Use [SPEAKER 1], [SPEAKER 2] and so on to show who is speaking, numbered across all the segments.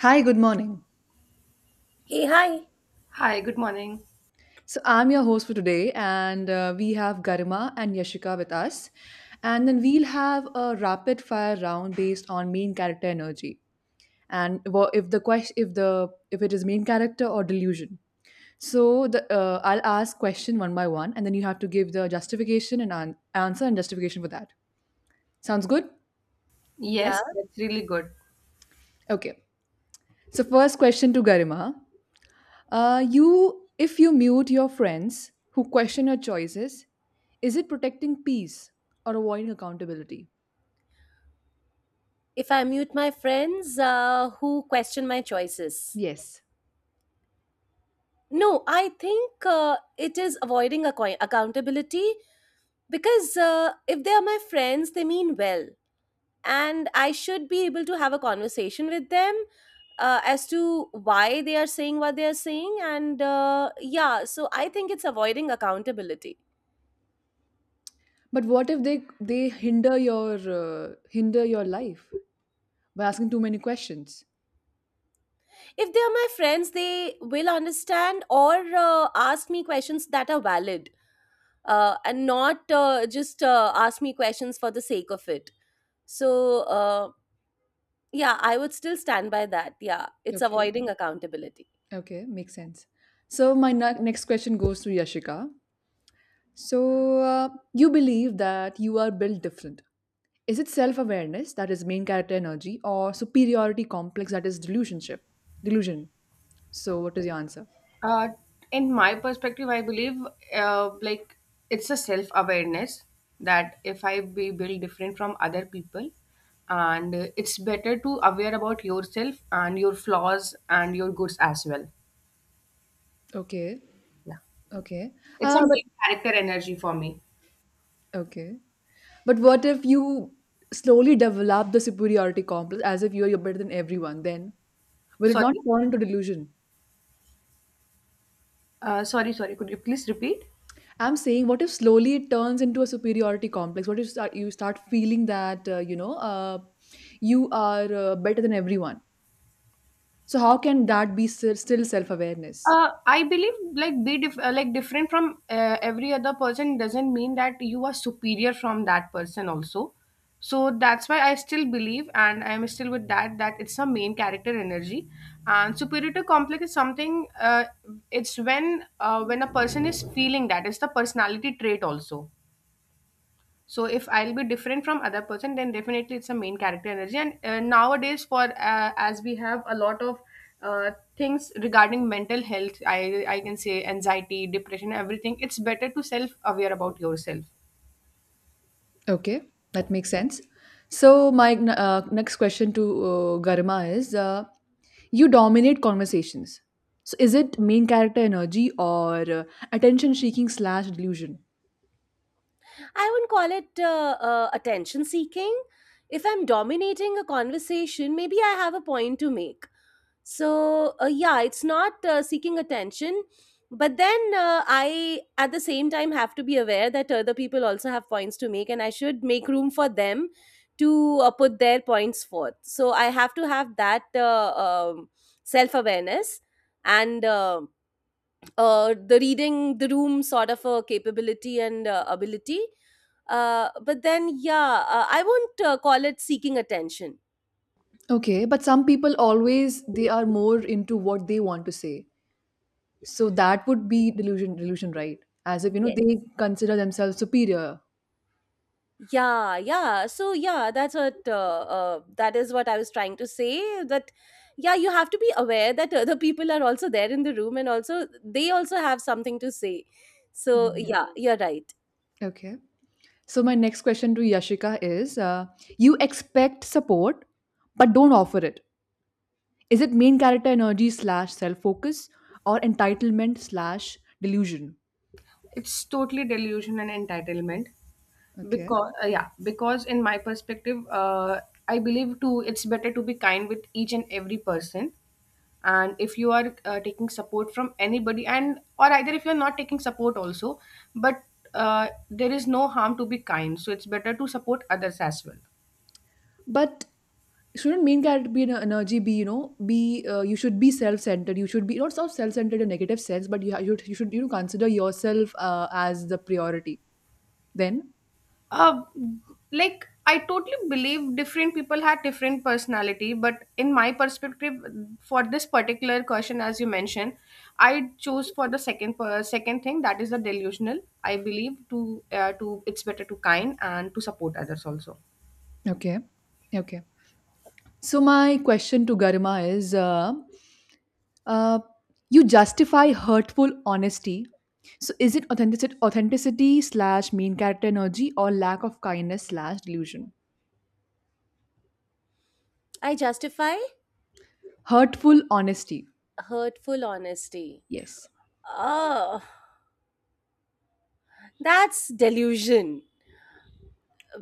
[SPEAKER 1] Hi, good morning.
[SPEAKER 2] Hey, hi.
[SPEAKER 3] Hi, good morning.
[SPEAKER 1] So, I'm your host for today, and we have Garima and Yashika with us. And then we'll have a rapid fire round based on main character energy and wha- if the question if the if it is main character or delusion. So the I'll ask question one by one, and then you have to give the justification and answer and justification for that. Sounds good?
[SPEAKER 2] Yeah,
[SPEAKER 3] Yes, that's really good.
[SPEAKER 1] Okay. So first question to Garima. If you mute your friends who question your choices, is it protecting peace or avoiding accountability?
[SPEAKER 2] if I mute my friends who question my choices.
[SPEAKER 1] Yes.
[SPEAKER 2] No, I think it is accountability because if they are my friends, they mean well. And I should be able to have a conversation with them as to why they are saying what they are saying. And yeah, so I think it's avoiding accountability.
[SPEAKER 1] But what if they hinder your life by asking too many questions?
[SPEAKER 2] If they are my friends, they will understand or ask me questions that are valid and not just ask me questions for the sake of it. So, uh, yeah, I would still stand by that. Yeah, it's
[SPEAKER 1] Okay.
[SPEAKER 2] avoiding accountability.
[SPEAKER 1] Okay, makes sense. So my next question goes to Yashika. So you believe that you are built different. Is it self-awareness that is main character energy or superiority complex that is delusionship? Delusion. So what is your answer?
[SPEAKER 3] Uh, in my perspective, I believe uh, like it's a self-awareness that if I be built different from other people, and it's better to aware about yourself and your flaws and your goods as well.
[SPEAKER 1] Okay,
[SPEAKER 3] Yeah,
[SPEAKER 1] okay.
[SPEAKER 3] it's a
[SPEAKER 1] But
[SPEAKER 3] main character energy for me.
[SPEAKER 1] okay. But what if you slowly develop the superiority complex as if you are better than everyone? Then will it not
[SPEAKER 3] Sorry,
[SPEAKER 1] turn into delusion?
[SPEAKER 3] sorry. Could you please repeat?
[SPEAKER 1] I'm saying, what if slowly it turns into a superiority complex? What if you start feeling that you are better than everyone? So how can that be still self awareness?
[SPEAKER 3] I believe like different from every other person doesn't mean that you are superior from that person also. So that's why I still believe and I'm still with that it's a main character energy and superiority complex is something it's when a person is feeling that it's the personality trait also, so if I'll be different from other person then definitely it's a main character energy and nowadays for as we have a lot of uh, things regarding mental health, I can say anxiety, depression, everything. It's better to self aware about yourself.
[SPEAKER 1] Okay, that makes sense. So my next question to Garima is, you dominate conversations. So is it main character energy or attention seeking slash delusion?
[SPEAKER 2] I wouldn't call it attention seeking. If I'm dominating a conversation, maybe I have a point to make. So yeah, it's not seeking attention, but then I at the same time have to be aware that other people also have points to make, and I should make room for them to put their points forth. So I have to have that self-awareness, and the reading the room sort of a capability and ability. But then yeah, I won't call it seeking attention.
[SPEAKER 1] Okay, but some people always they are more into what they want to say. So that would be delusion, right? As if you know
[SPEAKER 2] Yes.
[SPEAKER 1] they consider themselves superior.
[SPEAKER 2] Yeah, yeah. So yeah, that's what that is what I was trying to say. That yeah, you have to be aware that other people are also there in the room, and also they also have something to say. So
[SPEAKER 1] Mhm.
[SPEAKER 2] yeah, you're right.
[SPEAKER 1] Okay. So my next question to Yashika is, you expect support but don't offer it. Is it main character energy slash self focus or entitlement slash delusion?
[SPEAKER 3] It's totally delusion and entitlement
[SPEAKER 1] Okay.
[SPEAKER 3] because yeah, because in my perspective I believe too it's better to be kind with each and every person. And if you are taking support from anybody and or either if you're not taking support also, but there is no harm to be kind, so it's better to support others as well.
[SPEAKER 1] But shouldn't main character be an energy be you know be you should be self centered. You should be not self centered in a negative sense, but you should you know consider yourself as the priority. Then
[SPEAKER 3] uh, like, I totally believe different people had different personality, but in my perspective, for this particular question, as you mentioned, I choose for the second thing, that is the delusional. I believe to it's better to kind and to support others also.
[SPEAKER 1] okay. Okay. So my question to Garima is. Uh, you justify hurtful honesty. So is it authenticity slash mean character energy or lack of kindness slash delusion?
[SPEAKER 2] I justify
[SPEAKER 1] Hurtful honesty.
[SPEAKER 2] hurtful honesty.
[SPEAKER 1] Yes.
[SPEAKER 2] Oh, that's delusion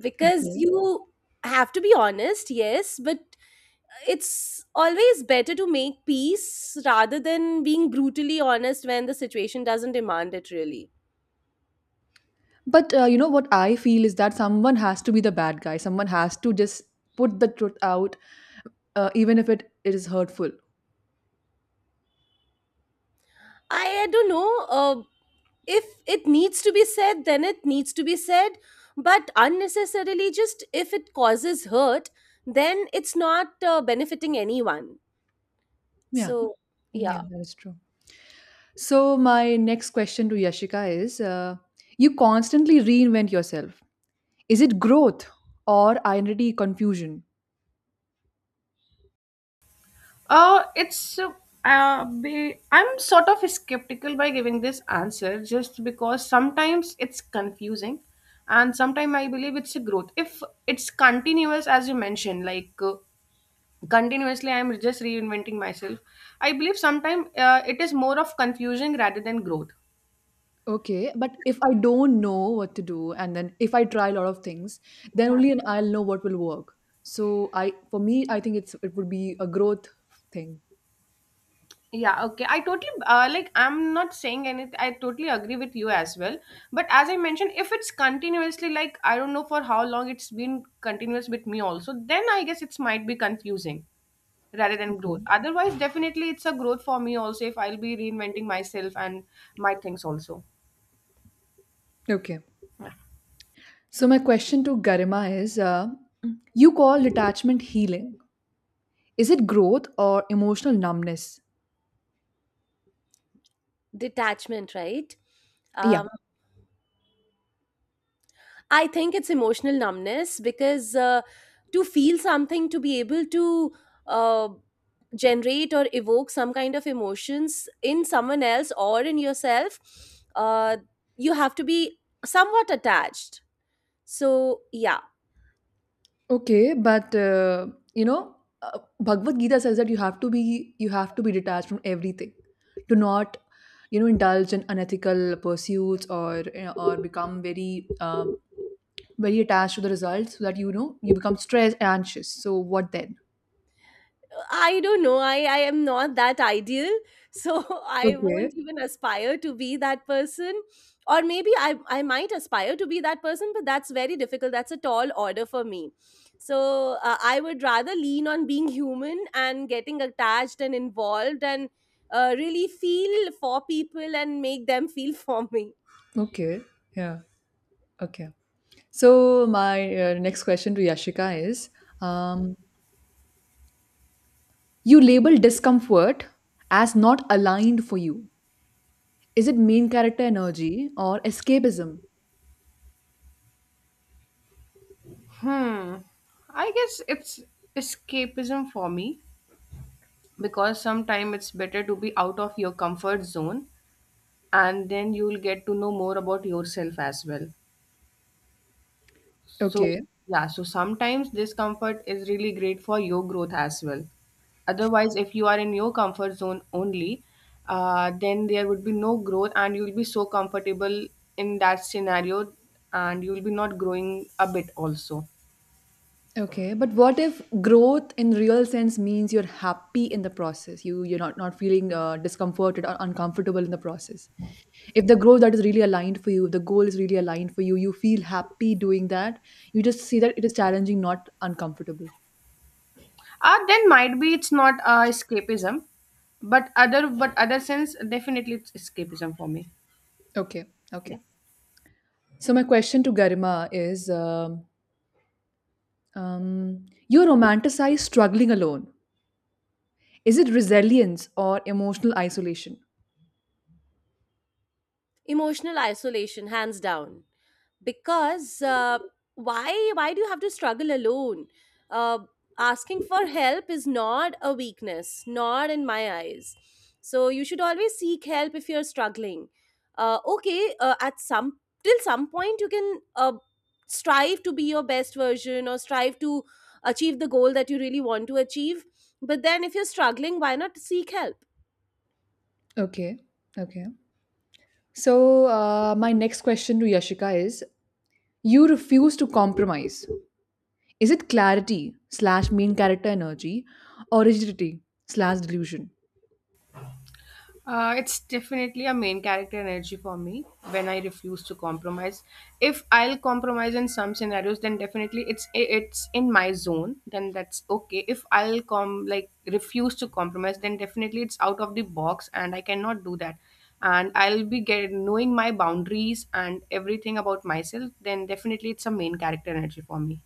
[SPEAKER 2] because
[SPEAKER 1] Okay.
[SPEAKER 2] you have to be honest, yes, but it's always better to make peace rather than being brutally honest when the situation doesn't demand it really.
[SPEAKER 1] But you know what I feel is that someone has to be the bad guy. Someone has to just put the truth out, even if it is hurtful.
[SPEAKER 2] I don't know. If it needs to be said, then it needs to be said. But unnecessarily, just if it causes hurt, then it's not benefiting anyone.
[SPEAKER 1] Yeah.
[SPEAKER 2] So,
[SPEAKER 1] Yeah,
[SPEAKER 2] yeah,
[SPEAKER 1] that is true. So my next question to Yashika is: you constantly reinvent yourself. Is it growth or identity confusion?
[SPEAKER 3] Uh, it's uh, I'm sort of skeptical by giving this answer just because sometimes it's confusing, and sometimes I believe it's a growth. If it's continuous, as you mentioned, like. Continuously I am just reinventing myself. I believe sometimes it is more of confusion rather than growth.
[SPEAKER 1] Okay, but if I don't know what to do, and then if I try a lot of things, then only and I'll know what will work. So for me, I think it would be a growth thing.
[SPEAKER 3] Yeah, okay, I totally like I'm not saying anything, I totally agree with you as well, but as I mentioned, if it's continuously, like, I don't know for how long it's been continuous with me also, then I guess it's might be confusing rather than
[SPEAKER 1] Okay.
[SPEAKER 3] growth. Otherwise definitely it's a growth for me also, if I'll be reinventing myself and my things also.
[SPEAKER 1] Okay.
[SPEAKER 3] Yeah.
[SPEAKER 1] So my question to Garima is, you call detachment healing. Is it growth or emotional numbness?
[SPEAKER 2] detachment, right?
[SPEAKER 1] Yeah.
[SPEAKER 2] Um, I think it's emotional numbness because to feel something, to be able to uh, generate or evoke some kind of emotions in someone else or in yourself, uh, you have to be somewhat attached. So, yeah.
[SPEAKER 1] Okay, but you know, Bhagavad Gita says that you have to be detached from everything. Do not you know indulge in unethical pursuits or you know, or become very very attached to the results so that you know you become stressed and anxious. So what then?
[SPEAKER 2] I don't know. I am not that ideal. So I
[SPEAKER 1] Okay,
[SPEAKER 2] won't even aspire to be that person. Or maybe I might aspire to be that person, but that's very difficult. That's a tall order for me. So I would rather lean on being human and getting attached and involved, and really feel for people and make them feel for me.
[SPEAKER 1] okay, yeah, okay. So my next question to Yashika is: um, you label discomfort as not aligned for you. Is it main character energy or escapism?
[SPEAKER 3] Hmm, I guess it's escapism for me because sometimes it's better to be out of your comfort zone, and then you'll get to know more about yourself as well. So
[SPEAKER 1] Okay.
[SPEAKER 3] yeah, so sometimes discomfort is really great for your growth as well. Otherwise if you are in your comfort zone only, then there would be no growth and you'll be so comfortable in that scenario, and you'll be not growing a bit also.
[SPEAKER 1] Okay. But what if growth in real sense means you're happy in the process? You're not feeling discomforted or uncomfortable in the process. If the growth that is really aligned for you, if the goal is really aligned for you, you feel happy doing that. You just see that it is challenging, not uncomfortable.
[SPEAKER 3] Then might be it's not escapism, but other sense definitely it's escapism for me.
[SPEAKER 1] Okay. Okay. So my question to Garima is, you romanticize struggling alone. Is it resilience or emotional isolation?
[SPEAKER 2] Emotional isolation, hands down. Because why do you have to struggle alone? uh, Asking for help is not a weakness, not in my eyes. So you should always seek help if you're struggling. Okay at some, till some point, you can strive to be your best version, or strive to achieve the goal that you really want to achieve. But then if you're struggling, why not seek help?
[SPEAKER 1] Okay. Okay. So, my next question to Yashika is you refuse to compromise. Is it clarity slash main character energy or rigidity slash delusion?
[SPEAKER 3] It's definitely a main character energy for me when I refuse to compromise. If I'll compromise in some scenarios, then definitely it's in my zone. Then that's okay. If I'll com, like, refuse to compromise, then definitely it's out of the box, and I cannot do that. And I'll be get, knowing my boundaries and everything about myself. Then definitely it's a main character energy for me.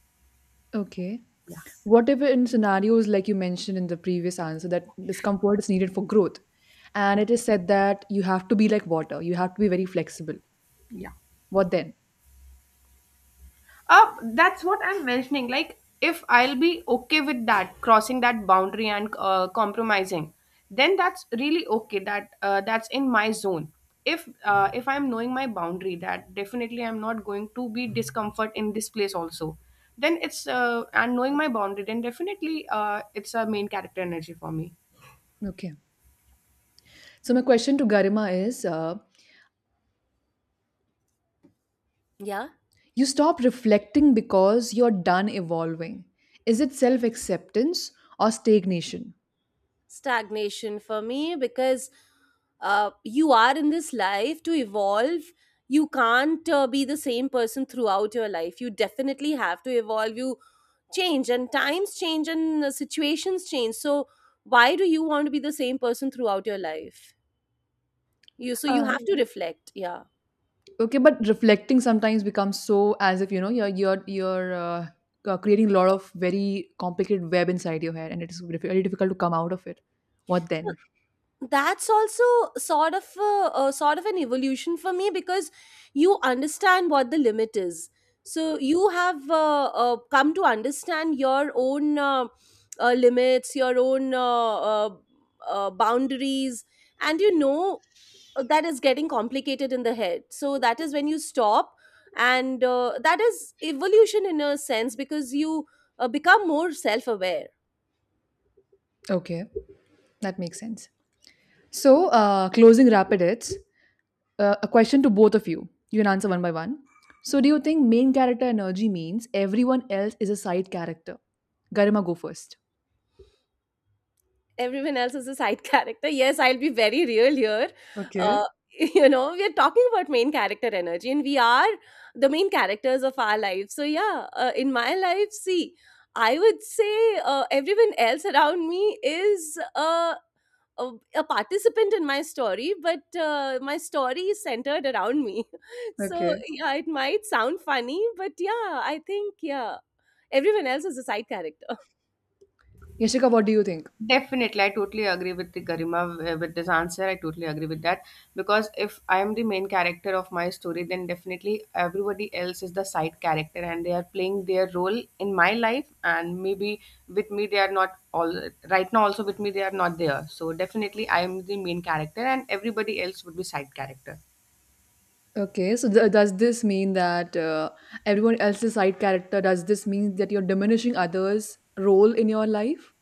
[SPEAKER 1] Okay.
[SPEAKER 3] Yeah,
[SPEAKER 1] What if in scenarios like you mentioned in the previous answer that discomfort is needed for growth? And it is said that you have to be like water, you have to be very flexible.
[SPEAKER 3] yeah.
[SPEAKER 1] What then?
[SPEAKER 3] That's what I'm mentioning. Like, if I'll be okay with that, crossing that boundary and compromising, then that's really okay. That that's in my zone. If I'm knowing my boundary, that definitely I'm not going to be discomfort in this place also. Then it's and knowing my boundary, then definitely it's a main character energy for me.
[SPEAKER 1] Okay. So, my question to Garima is
[SPEAKER 2] Yeah,
[SPEAKER 1] you stop reflecting because you're done evolving. Is it self acceptance or stagnation?
[SPEAKER 2] stagnation for me, because you are in this life to evolve. You can't be the same person throughout your life. You definitely have to evolve. You change, and times change, and situations change. So, why do you want to be the same person throughout your life? You, so you
[SPEAKER 1] Um,
[SPEAKER 2] have to reflect. Yeah.
[SPEAKER 1] okay, but reflecting sometimes becomes so as if you know you're creating a lot of very complicated web inside your hair, and it is very difficult to come out of it. What then?
[SPEAKER 2] That's also sort of an evolution for me, because you understand what the limit is. So you have come to understand your own limits, your own uh, boundaries, and you know that is getting complicated in the head, so that is when you stop. And that is evolution in a sense, because you become more self-aware.
[SPEAKER 1] Okay, that makes sense. So, closing rapid hits. A question to both of you. You can answer one by one. So, do you think main character energy means everyone else is a side character? Garima, go first.
[SPEAKER 2] Everyone else is a side character. Yes, I'll be very real here.
[SPEAKER 1] Okay.
[SPEAKER 2] Uh, you know, we are talking about main character energy, and we are the main characters of our life. So yeah, in my life, see, I would say everyone else around me is a, a participant in my story, but my story is centered around me. So
[SPEAKER 1] Okay.
[SPEAKER 2] yeah, it might sound funny, but yeah, I think yeah, everyone else is a side character.
[SPEAKER 1] Yashika, what do you think?
[SPEAKER 3] Definitely, I totally agree with the Garima with this answer. I totally agree with that because if I am the main character of my story, then definitely everybody else is the side character and they are playing their role in my life. And maybe with me, they are not all right now. Also with me, they are not there. So definitely, I am the main character and everybody else would be side character.
[SPEAKER 1] Okay, so does this mean that everyone else's side character, does this mean that you're diminishing others' role in your life?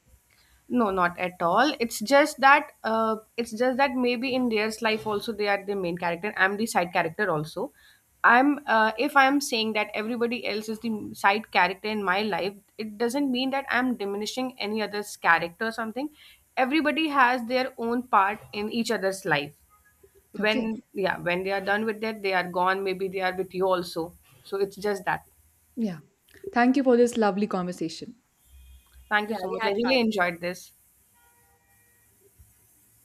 [SPEAKER 3] No, not at all. It's just that maybe in their life also they are the main character. I'm the side character also. I'm If I'm saying that everybody else is the side character in my life, it doesn't mean that I'm diminishing any other's character or something. Everybody has their own part in each other's life.
[SPEAKER 1] Okay,
[SPEAKER 3] When, yeah, when they are done with that, they are gone. Maybe they are with you also. So it's just that.
[SPEAKER 1] yeah. Thank you for this lovely conversation.
[SPEAKER 3] Thank you
[SPEAKER 2] Yeah,
[SPEAKER 3] so
[SPEAKER 2] we
[SPEAKER 3] much.
[SPEAKER 2] had
[SPEAKER 3] I
[SPEAKER 2] fun.
[SPEAKER 3] really enjoyed this.